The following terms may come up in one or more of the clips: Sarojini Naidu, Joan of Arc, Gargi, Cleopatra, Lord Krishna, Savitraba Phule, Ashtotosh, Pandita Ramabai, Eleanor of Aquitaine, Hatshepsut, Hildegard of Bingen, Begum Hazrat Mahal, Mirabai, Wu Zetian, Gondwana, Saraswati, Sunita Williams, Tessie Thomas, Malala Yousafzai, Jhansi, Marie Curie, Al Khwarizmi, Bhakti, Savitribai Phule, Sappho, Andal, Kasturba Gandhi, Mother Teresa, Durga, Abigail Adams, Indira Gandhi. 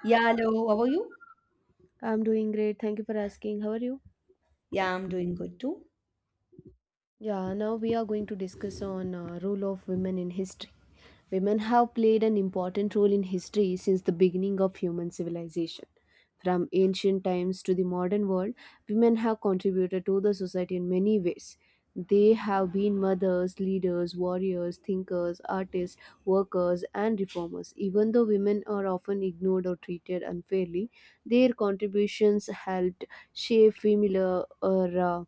Yeah, hello. How are you? I'm doing great. Thank you for asking. How are you? Yeah, I'm doing good too. Yeah, now we are going to discuss on role of women in history. Women have played an important role in history since the beginning of human civilization. From ancient times to the modern world, women have contributed to the society in many ways. They have been mothers, leaders, warriors, thinkers, artists, workers, and reformers. Even though women are often ignored or treated unfairly, their contributions helped shape familiar or uh,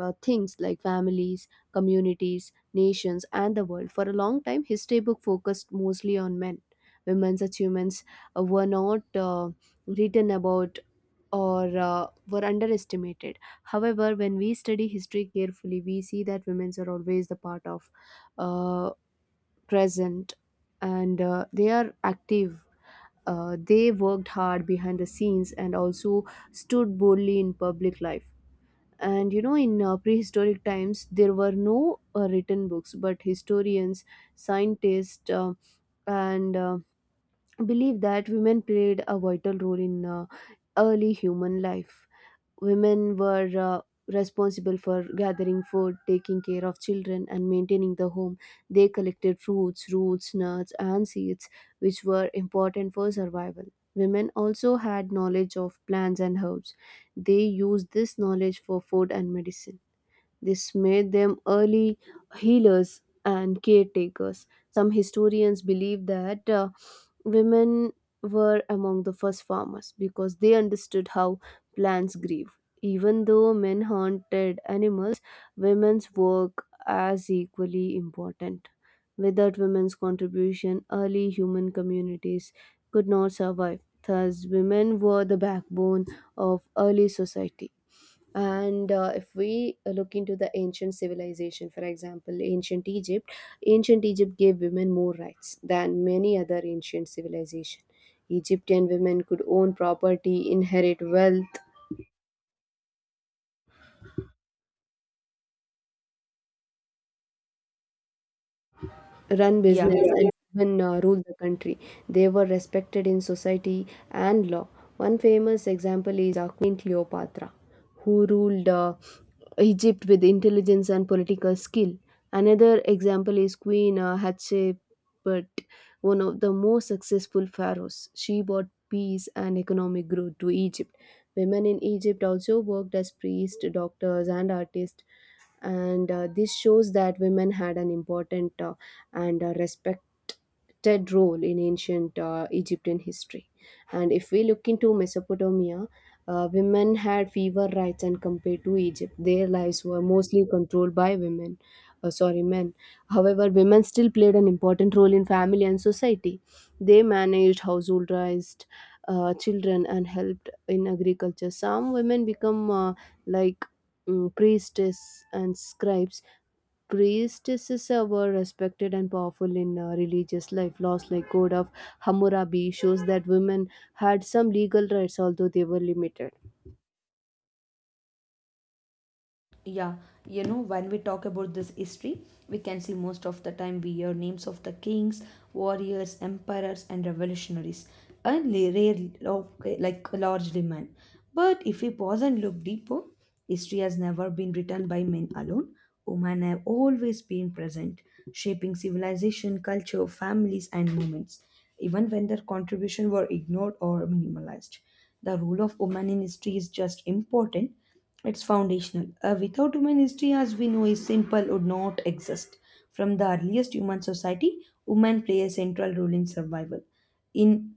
uh, things like families, communities, nations, and the world. For a long time, history book focused mostly on men. Women's achievements were not written about or were underestimated. However, when we study history carefully, we see that women are always the part of uh, present and they are active. They worked hard behind the scenes and also stood boldly in public life. And you know in prehistoric times there were no written books, but historians, scientists, and believe that women played a vital role in early human life. Women were responsible for gathering food, taking care of children, and maintaining the home. They collected fruits, roots, nuts, and seeds, which were important for survival. Women also had knowledge of plants and herbs. They used this knowledge for food and medicine. This made them early healers and caretakers. Some historians believe that women were among the first farmers because they understood how plants grieve. Even though men hunted animals, women's work as equally important. Without women's contribution, early human communities could not survive. Thus, women were the backbone of early society. And if we look into the ancient civilization, for example ancient Egypt. Ancient Egypt gave women more rights than many other ancient civilization. Egyptian women could own property, inherit wealth, run Yeah. business, Yeah, and even rule the country. They were respected in society and law. One famous example is Queen Cleopatra, who ruled Egypt with intelligence and political skill. Another example is Queen Hatshepsut, one of the most successful pharaohs. She brought peace and economic growth to Egypt. Women in Egypt also worked as priests, doctors, and artists, and this shows that women had an important and a respected role in ancient Egyptian history. And if we look into Mesopotamia, women had fewer rights and compared to Egypt. Their lives were mostly controlled by women, sorry, men. However, women still played an important role in family and society. They managed household, raised children, and helped in agriculture. Some women become like priestess and scribes. Priestesses were respected and powerful in religious life. Laws like Code of Hammurabi shows that women had some legal rights, although they were limited. yeah you know, when we talk about this history, we can see most of the time we hear names of the kings, warriors, emperors, and revolutionaries, and rarely, okay, like largely men. But if we pause and look deeper, history has never been written by men alone. Women have always been present, shaping civilization, culture, families, and movements. Even when their contribution were ignored or minimalized, the role of women in history is just important, it's foundational. A without human history as we know is simple would not exist. From the earliest human society, women play a central role in survival. In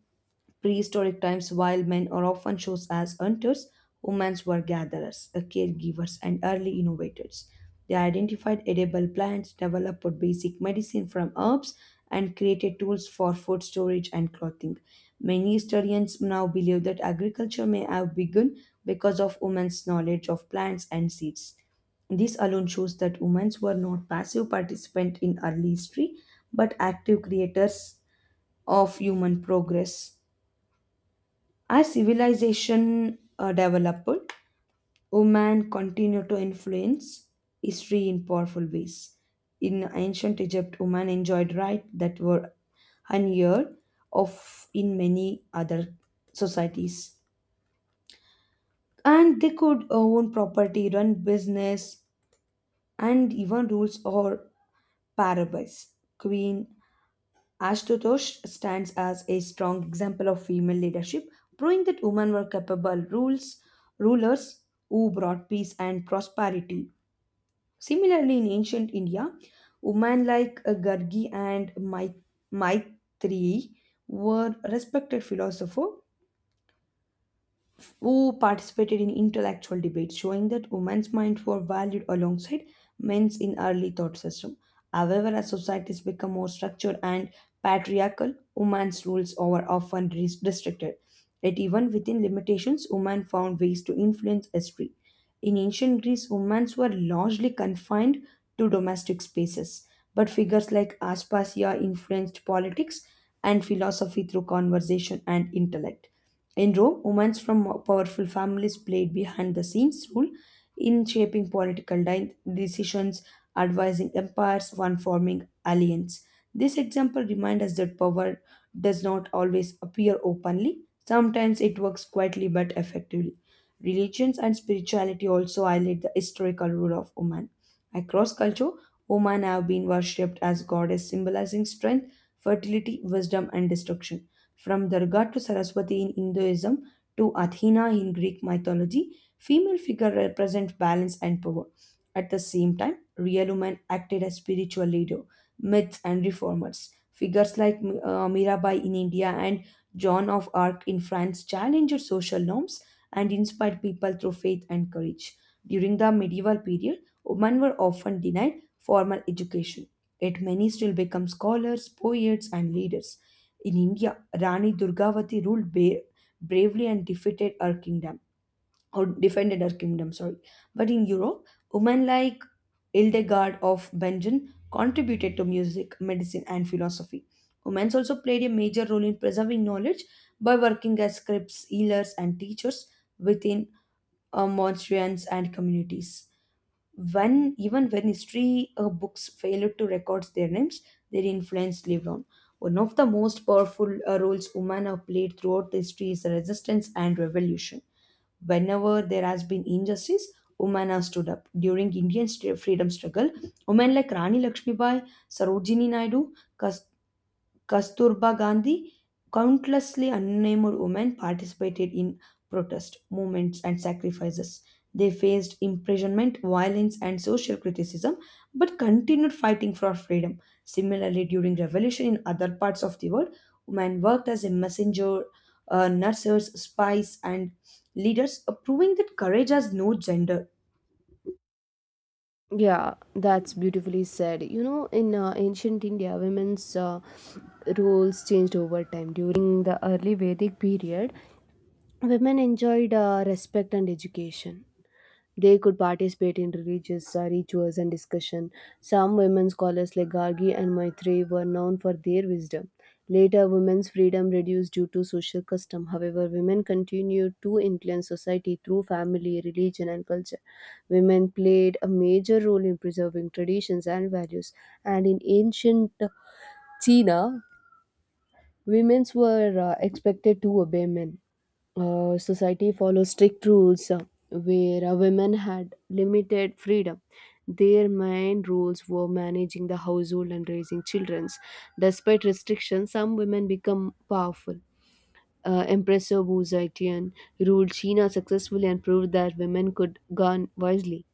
prehistoric times, while men are often shown as hunters, women were gatherers, caregivers, and early innovators. They identified edible plants, developed basic medicine from herbs, and created tools for food storage and clothing. Many historians now believe that agriculture may have begun because of women's knowledge of plants and seeds. This alone shows that women were not passive participants in early history but active creators of human progress. As civilization developed, women continued to influence history in powerful ways. In ancient Egypt, women enjoyed rights that were unheard of in many other societies. And they could own property, run business, and even rules or parables. Queen Ashtotosh stands as a strong example of female leadership, proving that women were capable rulers who brought peace and prosperity. Similarly, in ancient India, women like Gargi and Maitreyi were respected philosophers who participated in intellectual debates, showing that women's minds were valued alongside men's in early thought system. However, as societies become more structured and patriarchal, women's rules are often restricted. Yet even within limitations, women found ways to influence history. In ancient Greece, women were largely confined to domestic spaces, but figures like Aspasia influenced politics and philosophy through conversation and intellect. In Rome, women from powerful families played behind the scenes role in shaping political decisions, advising empires, and forming alliances. This example reminds us that power does not always appear openly. Sometimes it works quietly but effectively. Religions and spirituality also highlight the historical role of women. Across culture, women have been worshipped as goddess, symbolizing strength, fertility, wisdom, and destruction. From Durga to Saraswati in Hinduism to Athena in Greek mythology, female figures represent balance and power. At the same time, real women acted as spiritual leader, myths, and reformers. Figures like Mirabai in India and Joan of Arc in France challenged social norms and inspired people through faith and courage. During the medieval period, women were often denied formal education, yet many still become scholars, poets, and leaders. In India, Rani Durgavati ruled bravely and defeated her kingdom, or defended her kingdom, sorry. But in Europe, women like Hildegard of Bingen contributed to music, medicine, and philosophy. Women also played a major role in preserving knowledge by working as scribes, healers, and teachers within monstrans and communities. When even when history books failed to record their names, their influence lived on. One of the most powerful roles women have played throughout history is resistance and revolution. Whenever there has been injustice, women have stood up. During Indian freedom struggle, women like Rani Lakshmibai, Sarojini Naidu, Kasturba Gandhi, countlessly unnamed women participated in protest movements and sacrifices. They faced imprisonment, violence, and social criticism, but continued fighting for freedom. Similarly, during revolution in other parts of the world, women worked as a messenger, nurses, spies, and leaders, proving that courage has no gender. Yeah, that's beautifully said. You know, in ancient India, women's roles changed over time. During the early Vedic period, women enjoyed respect and education. They could participate in religious rituals and discussion. Some women scholars like Gargi and Maitreyi were known for their wisdom. Later, women's freedom reduced due to social custom. However, women continued to influence society through family, religion, and culture. Women played a major role in preserving traditions and values. And in ancient China, women were expected to obey men. Society follows strict rules where women had limited freedom. Their main roles were managing the household and raising children. Despite restrictions, some women become powerful. Empress of Wu Zetian ruled China successfully and proved that women could govern wisely.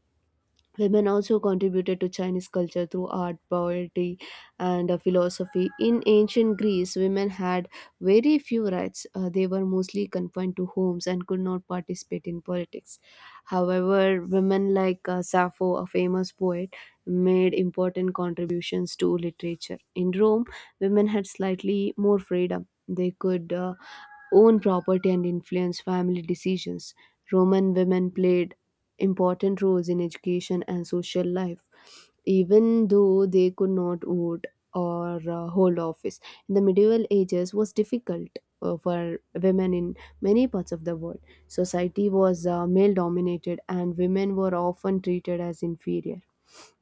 Women also contributed to Chinese culture through art, poetry, and philosophy. In ancient Greece, women had very few rights. They were mostly confined to homes and could not participate in politics. However, women like Sappho, a famous poet, made important contributions to literature. In Rome, women had slightly more freedom. They could own property and influence family decisions. Roman women played important roles in education and social life, even though they could not vote or hold office. In the medieval ages was difficult for women in many parts of the world. Society was male dominated, and women were often treated as inferior.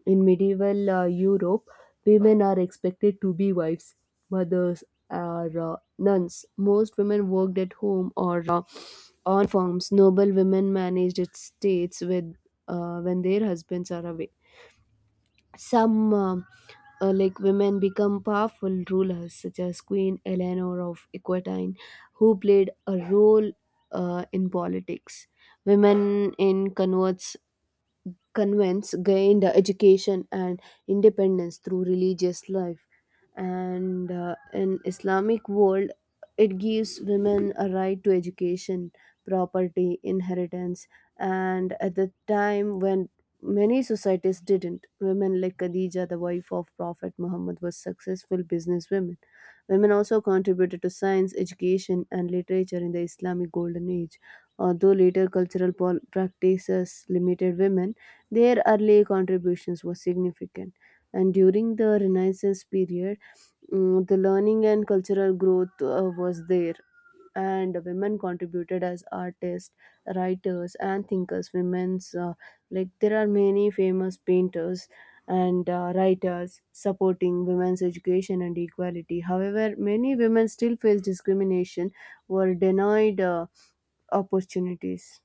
In medieval Europe, women are expected to be wives, mothers, or nuns. Most women worked at home or on farms. Noble women managed estates with, when their husbands are away. Some women become powerful rulers, such as Queen Eleanor of Aquitaine, who played a role in politics. Women in converts convents gained education and independence through religious life. And in Islamic world, it gives women a right to education, property inheritance, and at the time when many societies didn't, women like Khadija, the wife of Prophet Muhammad, was successful businesswomen. Women also contributed to science, education, and literature in the Islamic golden age. Although later cultural practices limited women, their early contributions were significant. And during the Renaissance period, the learning and cultural growth was there, and women contributed as artists, writers, and thinkers. Women's, there are many famous painters and writers supporting women's education and equality. However, many women still face discrimination, were denied opportunities.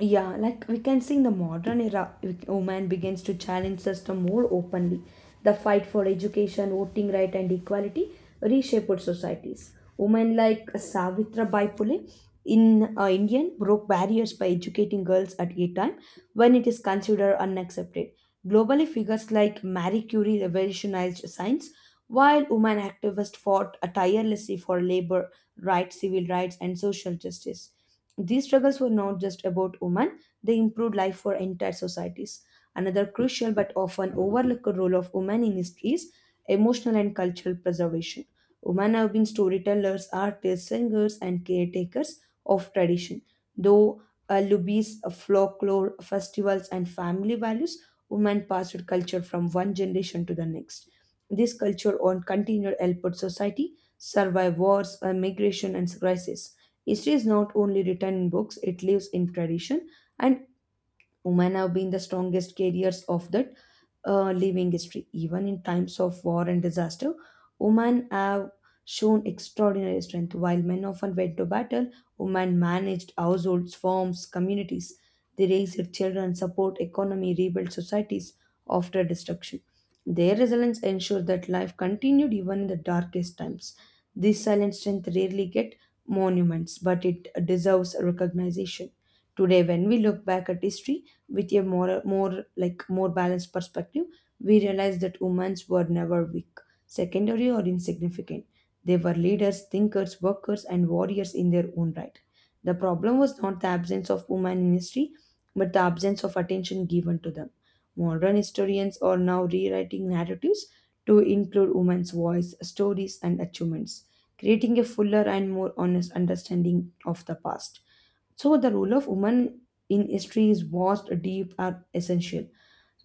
Yeah, like we can see in the modern era, women begins to challenge system more openly. The fight for education, voting right, and equality reshaped societies. Women like Savitribai Phule in Indian broke barriers by educating girls at a time when it is considered unaccepted. Globally, figures like Marie Curie revolutionized science, while women activists fought tirelessly for labor rights, civil rights, and social justice. These struggles were not just about women, they improved life for entire societies. Another crucial but often overlooked role of women in history is emotional and cultural preservation. Women have been storytellers, artists, singers, and caretakers of tradition. Though lubies, folklore, festivals, and family values, women passed culture from one generation to the next. This culture on continued helped society survive wars, migration, and crises. History is not only written in books, it lives in tradition, and women have been the strongest carriers of that living history. Even in times of war and disaster, women have shown extraordinary strength. While men often went to battle, women managed households, farms, communities. They raised their children, support economy, rebuilt societies after destruction. Their resilience ensured that life continued even in the darkest times. This silent strength rarely get monuments, but it deserves recognition. Today, when we look back at history, with a more balanced perspective, we realize that women were never weak, secondary, or insignificant. They were leaders, thinkers, workers, and warriors in their own right. The problem was not the absence of women in history, but the absence of attention given to them. Modern historians are now rewriting narratives to include women's voice, stories, and achievements, creating a fuller and more honest understanding of the past. So the role of women in history is vast, deep, and essential.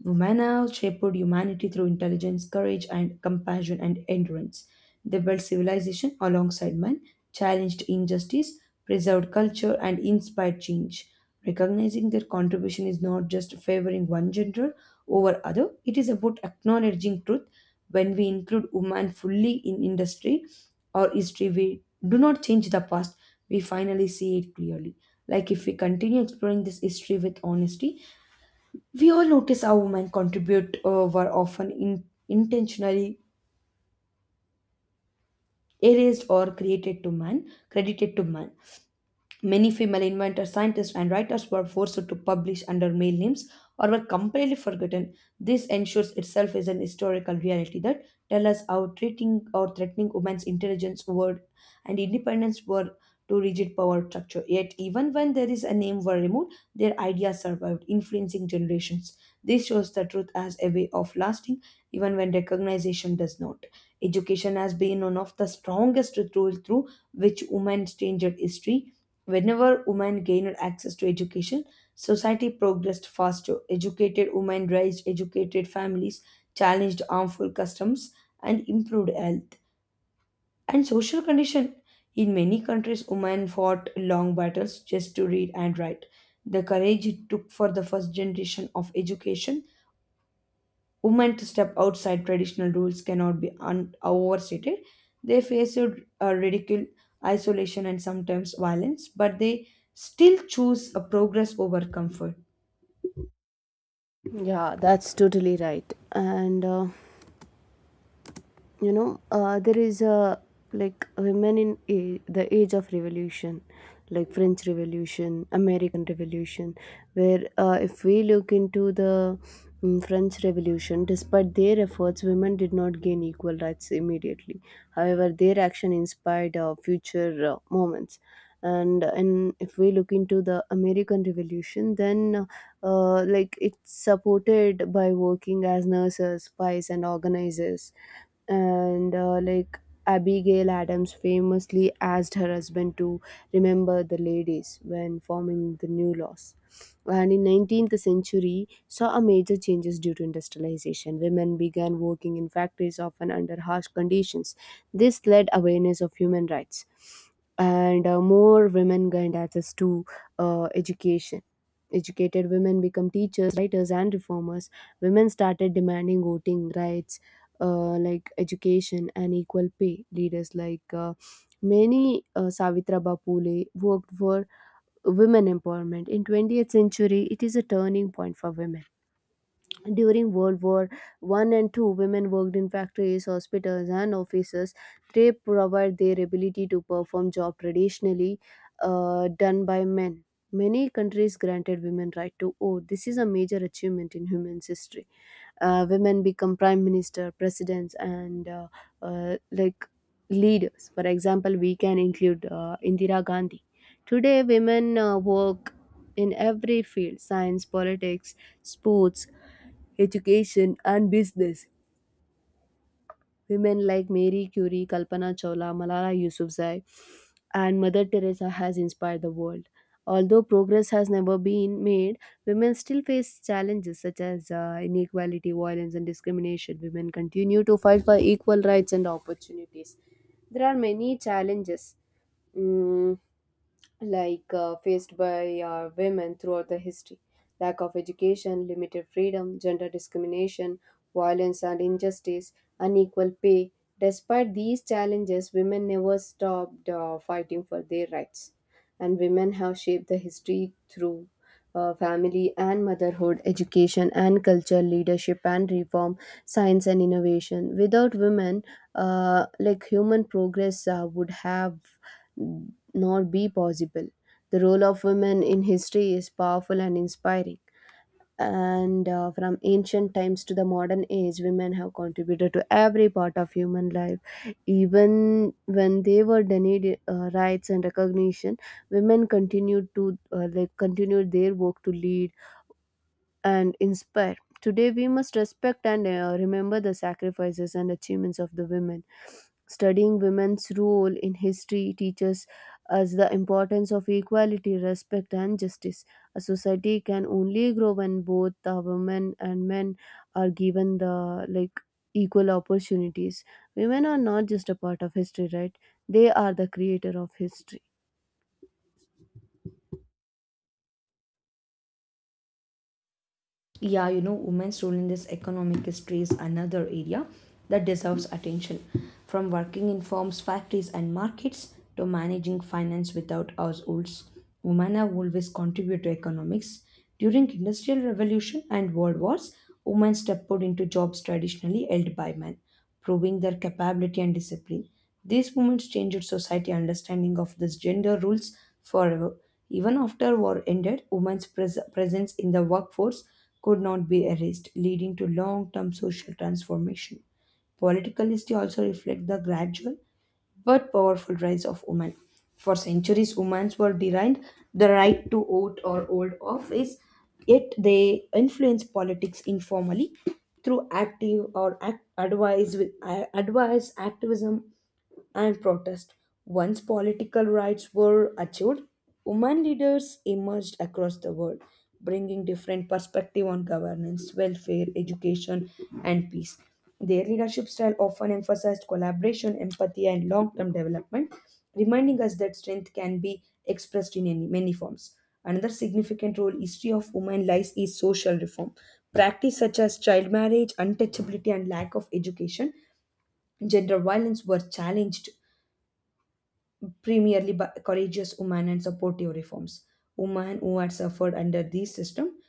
Romana shaped humanity through intelligence, courage, and compassion and endurance. They built civilization alongside man, challenged injustice, preserved culture, and inspired change. Recognizing their contribution is not just favoring one gender over other, it is about acknowledging truth. When we include women fully in industry or history, we do not change the past, we finally see it clearly. Like if we continue exploring this history with honesty, we all notice how women contribute were often intentionally erased or created to man, credited to man. Many female inventors, scientists, and writers were forced to publish under male names or were completely forgotten. This ensures itself is an historical reality that tells us how treating or threatening women's intelligence, word, and independence were to rigid power structure. Yet, even when there is a name were removed, their ideas survived, influencing generations. This shows the truth as a way of lasting, even when recognition does not. Education has been one of the strongest tools through which women changed history. Whenever women gained access to education, society progressed faster. Educated women raised educated families, challenged harmful customs, and improved health and social condition. In many countries, women fought long battles just to read and write. The courage it took for the first generation of education women to step outside traditional rules cannot be overstated. They face a ridicule, isolation, and sometimes violence, but they still choose a progress over comfort. Yeah, that's totally right. And you know there is a, like, women in a, the age of revolution, like French Revolution, American Revolution. Where if we look into the French Revolution, despite their efforts, women did not gain equal rights immediately. However, their action inspired future moments. And in, if we look into the American Revolution, then like, it's supported by working as nurses, spies, and organizers. And like, Abigail Adams famously asked her husband to remember the ladies when forming the new laws. And in 19th century saw a major changes due to industrialization. Women began working in factories, often under harsh conditions. This led awareness of human rights, and more women gained access to education. Educated women become teachers, writers, and reformers. Women started demanding voting rights, like education and equal pay. Leaders like many Savitraba Phule worked for women empowerment. In 20th century, it is a turning point for women. During World War One and Two, women worked in factories, hospitals, and offices. They provide their ability to perform job traditionally done by men. Many countries granted women right to vote. This is a major achievement in human's history. Women become prime minister, presidents, and uh, like leaders. For example, we can include Indira Gandhi. Today, women work in every field: science, politics, sports, education, and business. Women like Mary Curie, Kalpana Chawla, Malala Yousafzai, and Mother Teresa has inspired the world. Although progress has never been made, women still face challenges such as inequality, violence, and discrimination. Women continue to fight for equal rights and opportunities. There are many challenges. Mm, faced by women throughout the history: lack of education, limited freedom, gender discrimination, violence and injustice, unequal pay. Despite these challenges, women never stopped fighting for their rights. And women have shaped the history through family and motherhood, education and culture, leadership and reform, science and innovation. Without women, human progress would have not be possible. The role of women in history is powerful and inspiring. And from ancient times to the modern age, women have contributed to every part of human life. Even when they were denied rights and recognition, women continued to continued their work to lead, and inspire. Today, we must respect and remember the sacrifices and achievements of the women. Studying women's role in history teaches us the importance of equality, respect, and justice. A society can only grow when both the women and men are given the equal opportunities. Women are not just a part of history, right? They are the creator of history. Yeah, you know, women's role in this economic history is another area that deserves attention. From working in firms, factories, and markets to managing finance without households, women have always contributed to economics. During industrial revolution and world wars, women stepped out into jobs traditionally held by men, proving their capability and discipline. These movements changed society understanding of this gender rules forever. Even after war ended, women's presence in the workforce could not be erased, leading to long-term social transformation. Political history also reflects the gradual but powerful rights of women. For centuries, women were denied the right to vote or hold office, yet they influenced politics informally through advice with advice, activism, and protest. Once political rights were achieved, women leaders emerged across the world, bringing different perspective on governance, welfare, education, and peace. Their leadership style often emphasized collaboration, empathy, and long-term development, reminding us that strength can be expressed in many forms. Another significant role history of women lies is social reform. Practice such as child marriage, untouchability, and lack of education, gender violence were challenged primarily by courageous women and supportive reforms. Women who had suffered under this system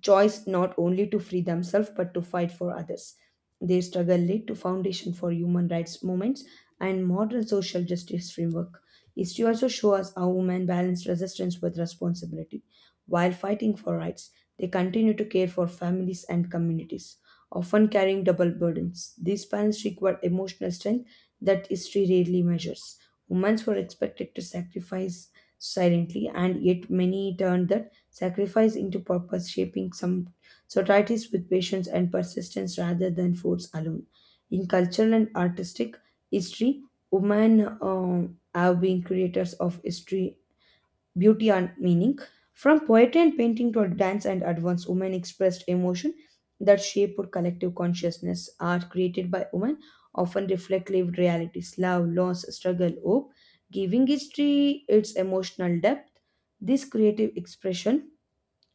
choice not only to free themselves but to fight for others. Their struggle laid to foundation for human rights movements and modern social justice framework. History also shows us how women balanced resistance with responsibility. While fighting for rights, they continue to care for families and communities, often carrying double burdens. These balance require emotional strength that history rarely measures. Women were expected to sacrifice silently, and yet many turned the sacrifice into purpose, shaping some societies with patience and persistence rather than force alone. In cultural and artistic history, women have been creators of history, beauty, and meaning. From poetry and painting to dance and advance, women expressed emotion that shaped collective consciousness. Art created by women often reflect lived realities, love, loss, struggle, hope, giving history its emotional depth. This creative expression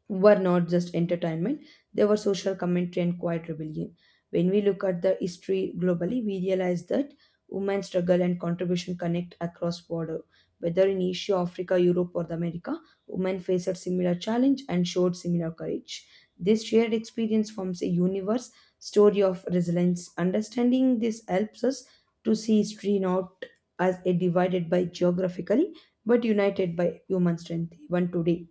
were not just entertainment, they were social commentary and quiet rebellion. When we look at the history globally, we realize that women's struggle and contribution connect across border. Whether in Asia, Africa, Europe, or the America, women faced similar challenge and showed similar courage. This shared experience forms a universe story of resilience. Understanding this helps us to see history not as a divided by geographically, but united by human strength. Even today,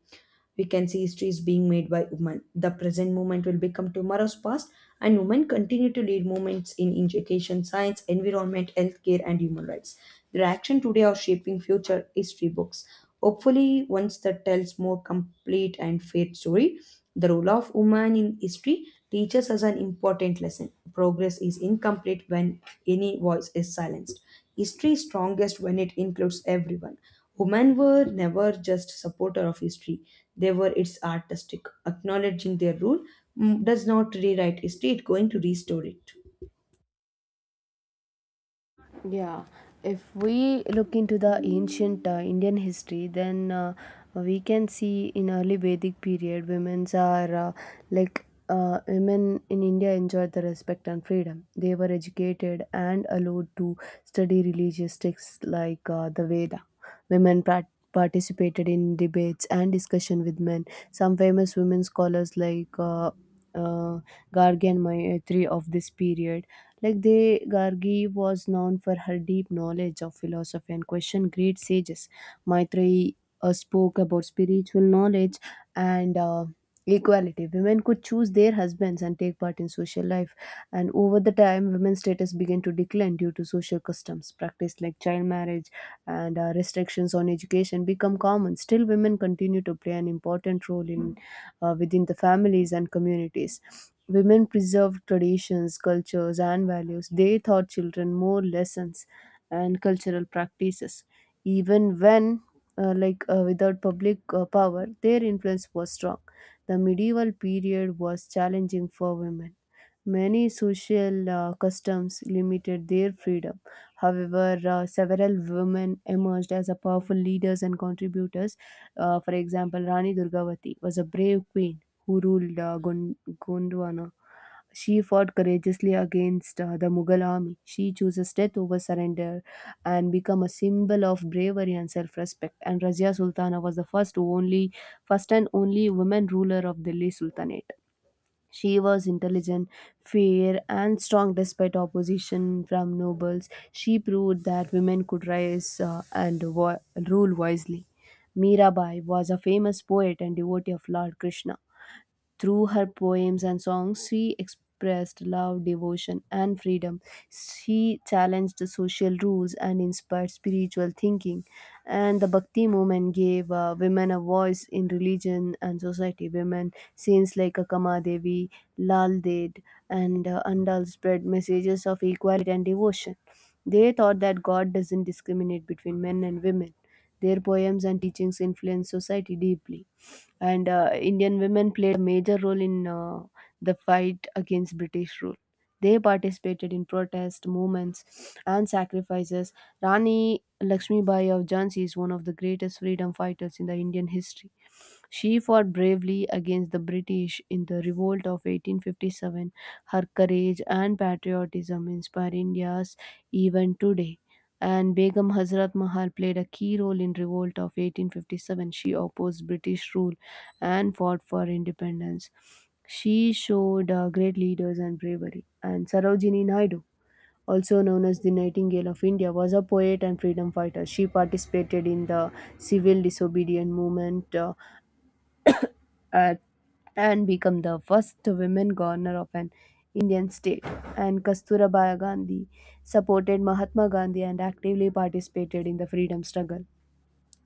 we can see histories being made by women. The present movement will become tomorrow's past, and women continue to lead movements in education, science, environment, healthcare, and human rights. Their action today are shaping future history books. Hopefully, once that tells more complete and fair story, the role of woman in history teaches us an important lesson. Progress is incomplete when any voice is silenced. History is strongest when it includes everyone. Women were never just supporter of history. They were its artistic. Acknowledging their role does not rewrite history, it's going to restore it. Yeah, if we look into the ancient Indian history, then we can see in early Vedic period, women's are women in India enjoyed the respect and freedom. They were educated and allowed to study religious texts like the Veda. Women prac participated in debates and discussion with men. Some famous women scholars like uh, Gargi and Mayatri of this period, like the Gargi was known for her deep knowledge of philosophy and questioned great sages. Maitreyi spoke about spiritual knowledge and equality. Women could choose their husbands and take part in social life. And over the time, women's status began to decline due to social customs. Practice like child marriage and restrictions on education become common. Still, women continue to play an important role in within the families and communities. Women preserved traditions, cultures, and values. They taught children more lessons and cultural practices. Even when, without public power, their influence was strong. The medieval period was challenging for women. Many social customs limited their freedom. However, several women emerged as a powerful leaders and contributors. For example, Rani Durgavati was a brave queen who ruled Gondwana. She fought courageously against the Mughal army. She chooses death over surrender and become a symbol of bravery and self-respect. And Razia Sultana was the first and only woman ruler of Delhi Sultanate. She was intelligent, fair, and strong despite opposition from nobles. She proved that women could rise and rule wisely. Mirabai was a famous poet and devotee of Lord Krishna. Through her poems and songs, she expressed love, devotion, and freedom. She challenged the social rules and inspired spiritual thinking. And the Bhakti movement gave women a voice in religion and society. Women, saints like Akama Devi, Lal Ded, and Andal spread messages of equality and devotion. They thought that God doesn't discriminate between men and women. Their poems and teachings influenced society deeply. And Indian women played a major role in the fight against British rule. They participated in protest movements and sacrifices. Rani Lakshmibai of Jhansi is one of the greatest freedom fighters in the Indian history. She fought bravely against the British in the revolt of 1857. Her courage and patriotism inspire India's even today. And Begum Hazrat Mahal played a key role in revolt of 1857. She opposed British rule and fought for independence. She showed great leaders and bravery. And Sarojini Naidu, also known as the Nightingale of India, was a poet and freedom fighter. She participated in the civil disobedience movement uh, and became the first women governor of an Indian state. And Kasturba Gandhi supported Mahatma Gandhi and actively participated in the freedom struggle.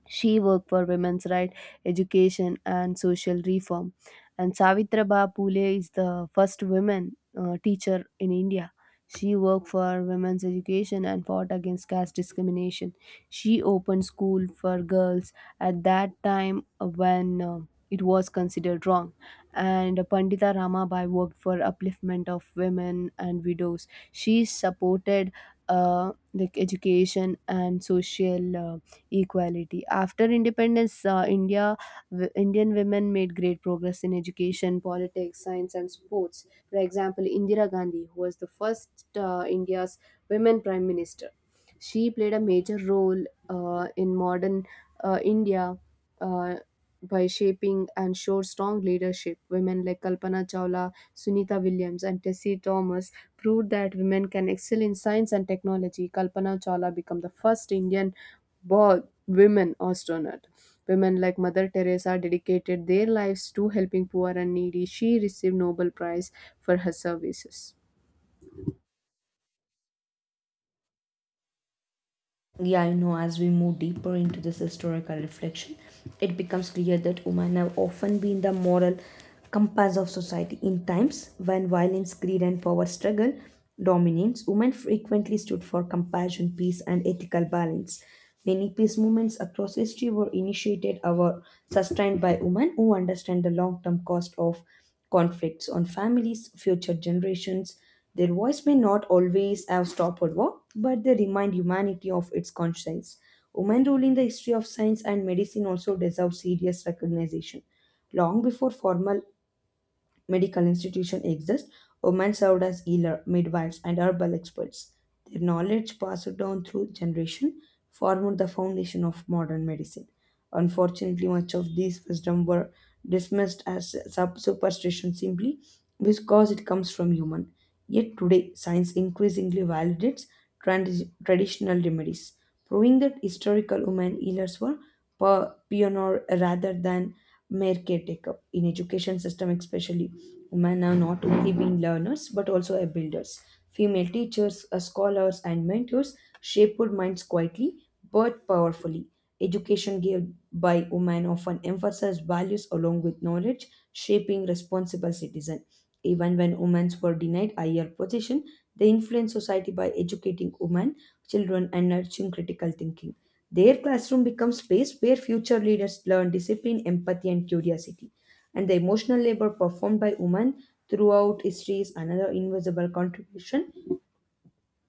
She worked for women's rights, education, and social reform. And Savitraba Phule is the first woman teacher in India. She worked for women's education and fought against caste discrimination. She opened school for girls at that time when it was considered wrong. And Pandita Ramabai worked for upliftment of women and widows. She supported education and social equality. After independence, Indian women made great progress in education, politics, science, and sports. For example, Indira Gandhi, who was the first India's women prime minister, she played a major role in modern India. Uh, by shaping and showed strong leadership. Women like Kalpana Chawla, Sunita Williams, and Tessie Thomas proved that women can excel in science and technology. Kalpana Chawla became the first Indian born women astronaut. Women like Mother Teresa dedicated their lives to helping poor and needy. She received Nobel Prize for her services. Yeah, as we move deeper into this historical reflection, it becomes clear that women have often been the moral compass of society. In times when violence, greed, and power struggle dominates, women frequently stood for compassion, peace, and ethical balance. Many peace movements across history were initiated or sustained by women who understand the long term cost of conflicts on families, future generations, their voice may not always have stopped war, but they remind humanity of its conscience. Women's role in the history of science and medicine also deserves serious recognition. Long before formal medical institutions exist, women served as healer, midwives, and herbal experts. Their knowledge passed down through generation formed the foundation of modern medicine. Unfortunately, much of these wisdom were dismissed as superstition simply because it comes from human. Yet today, science increasingly validates traditional remedies, proving that historical women healers were pioneer rather than mere caretaker. In education system especially, women are not only being learners but also a builders. Female teachers, scholars and mentors shaped minds quietly but powerfully. Education given by women often emphasizes values along with knowledge, shaping responsible citizen. Even when women were denied higher position, they influenced society by educating women, children, and nurturing critical thinking. Their classroom becomes space where future leaders learn discipline, empathy, and curiosity. And the emotional labor performed by women throughout history is another invisible contribution.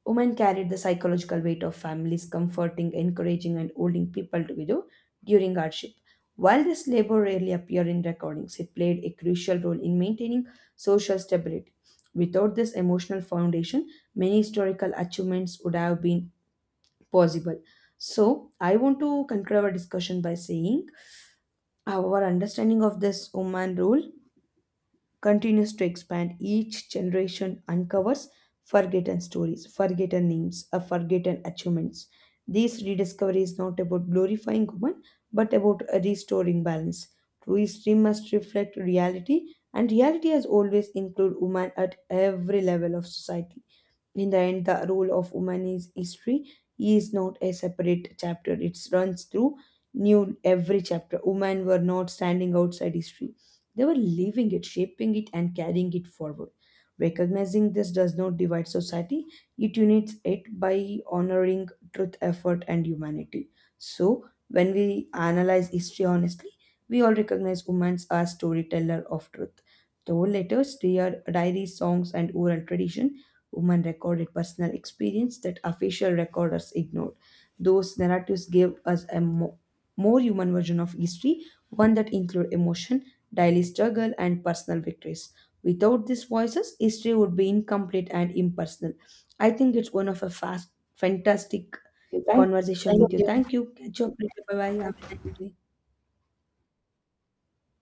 Women carried the psychological weight of families, comforting, encouraging, and holding people together during hardship. While this labor rarely appeared in recordings, it played a crucial role in maintaining social stability. Without this emotional foundation, many historical achievements would have been possible. So, I want to conclude our discussion by saying our understanding of this Oman rule continues to expand. Each generation uncovers forgotten stories, forgotten names, or forgotten achievements. This rediscovery is not about glorifying Oman, but about restoring balance. True history must reflect reality, and reality has always included women at every level of society. In the end, the role of women is history, is not a separate chapter. It runs through new every chapter. Women were not standing outside history, they were living it, shaping it, and carrying it forward. Recognizing this does not divide society, it unites it by honoring truth, effort, and humanity. So, when we analyze history honestly, we all recognize women as storyteller of truth, though letters, their diaries, songs, and oral tradition. Women recorded personal experience that official recorders ignored. Those narratives gave us more human version of history, one that included emotion, daily struggle, and personal victories. Without these voices, history would be incomplete and impersonal. I think it's one of fantastic Okay, thank conversation with you. Thank you. Catch you up later. Bye bye. Have a nice day.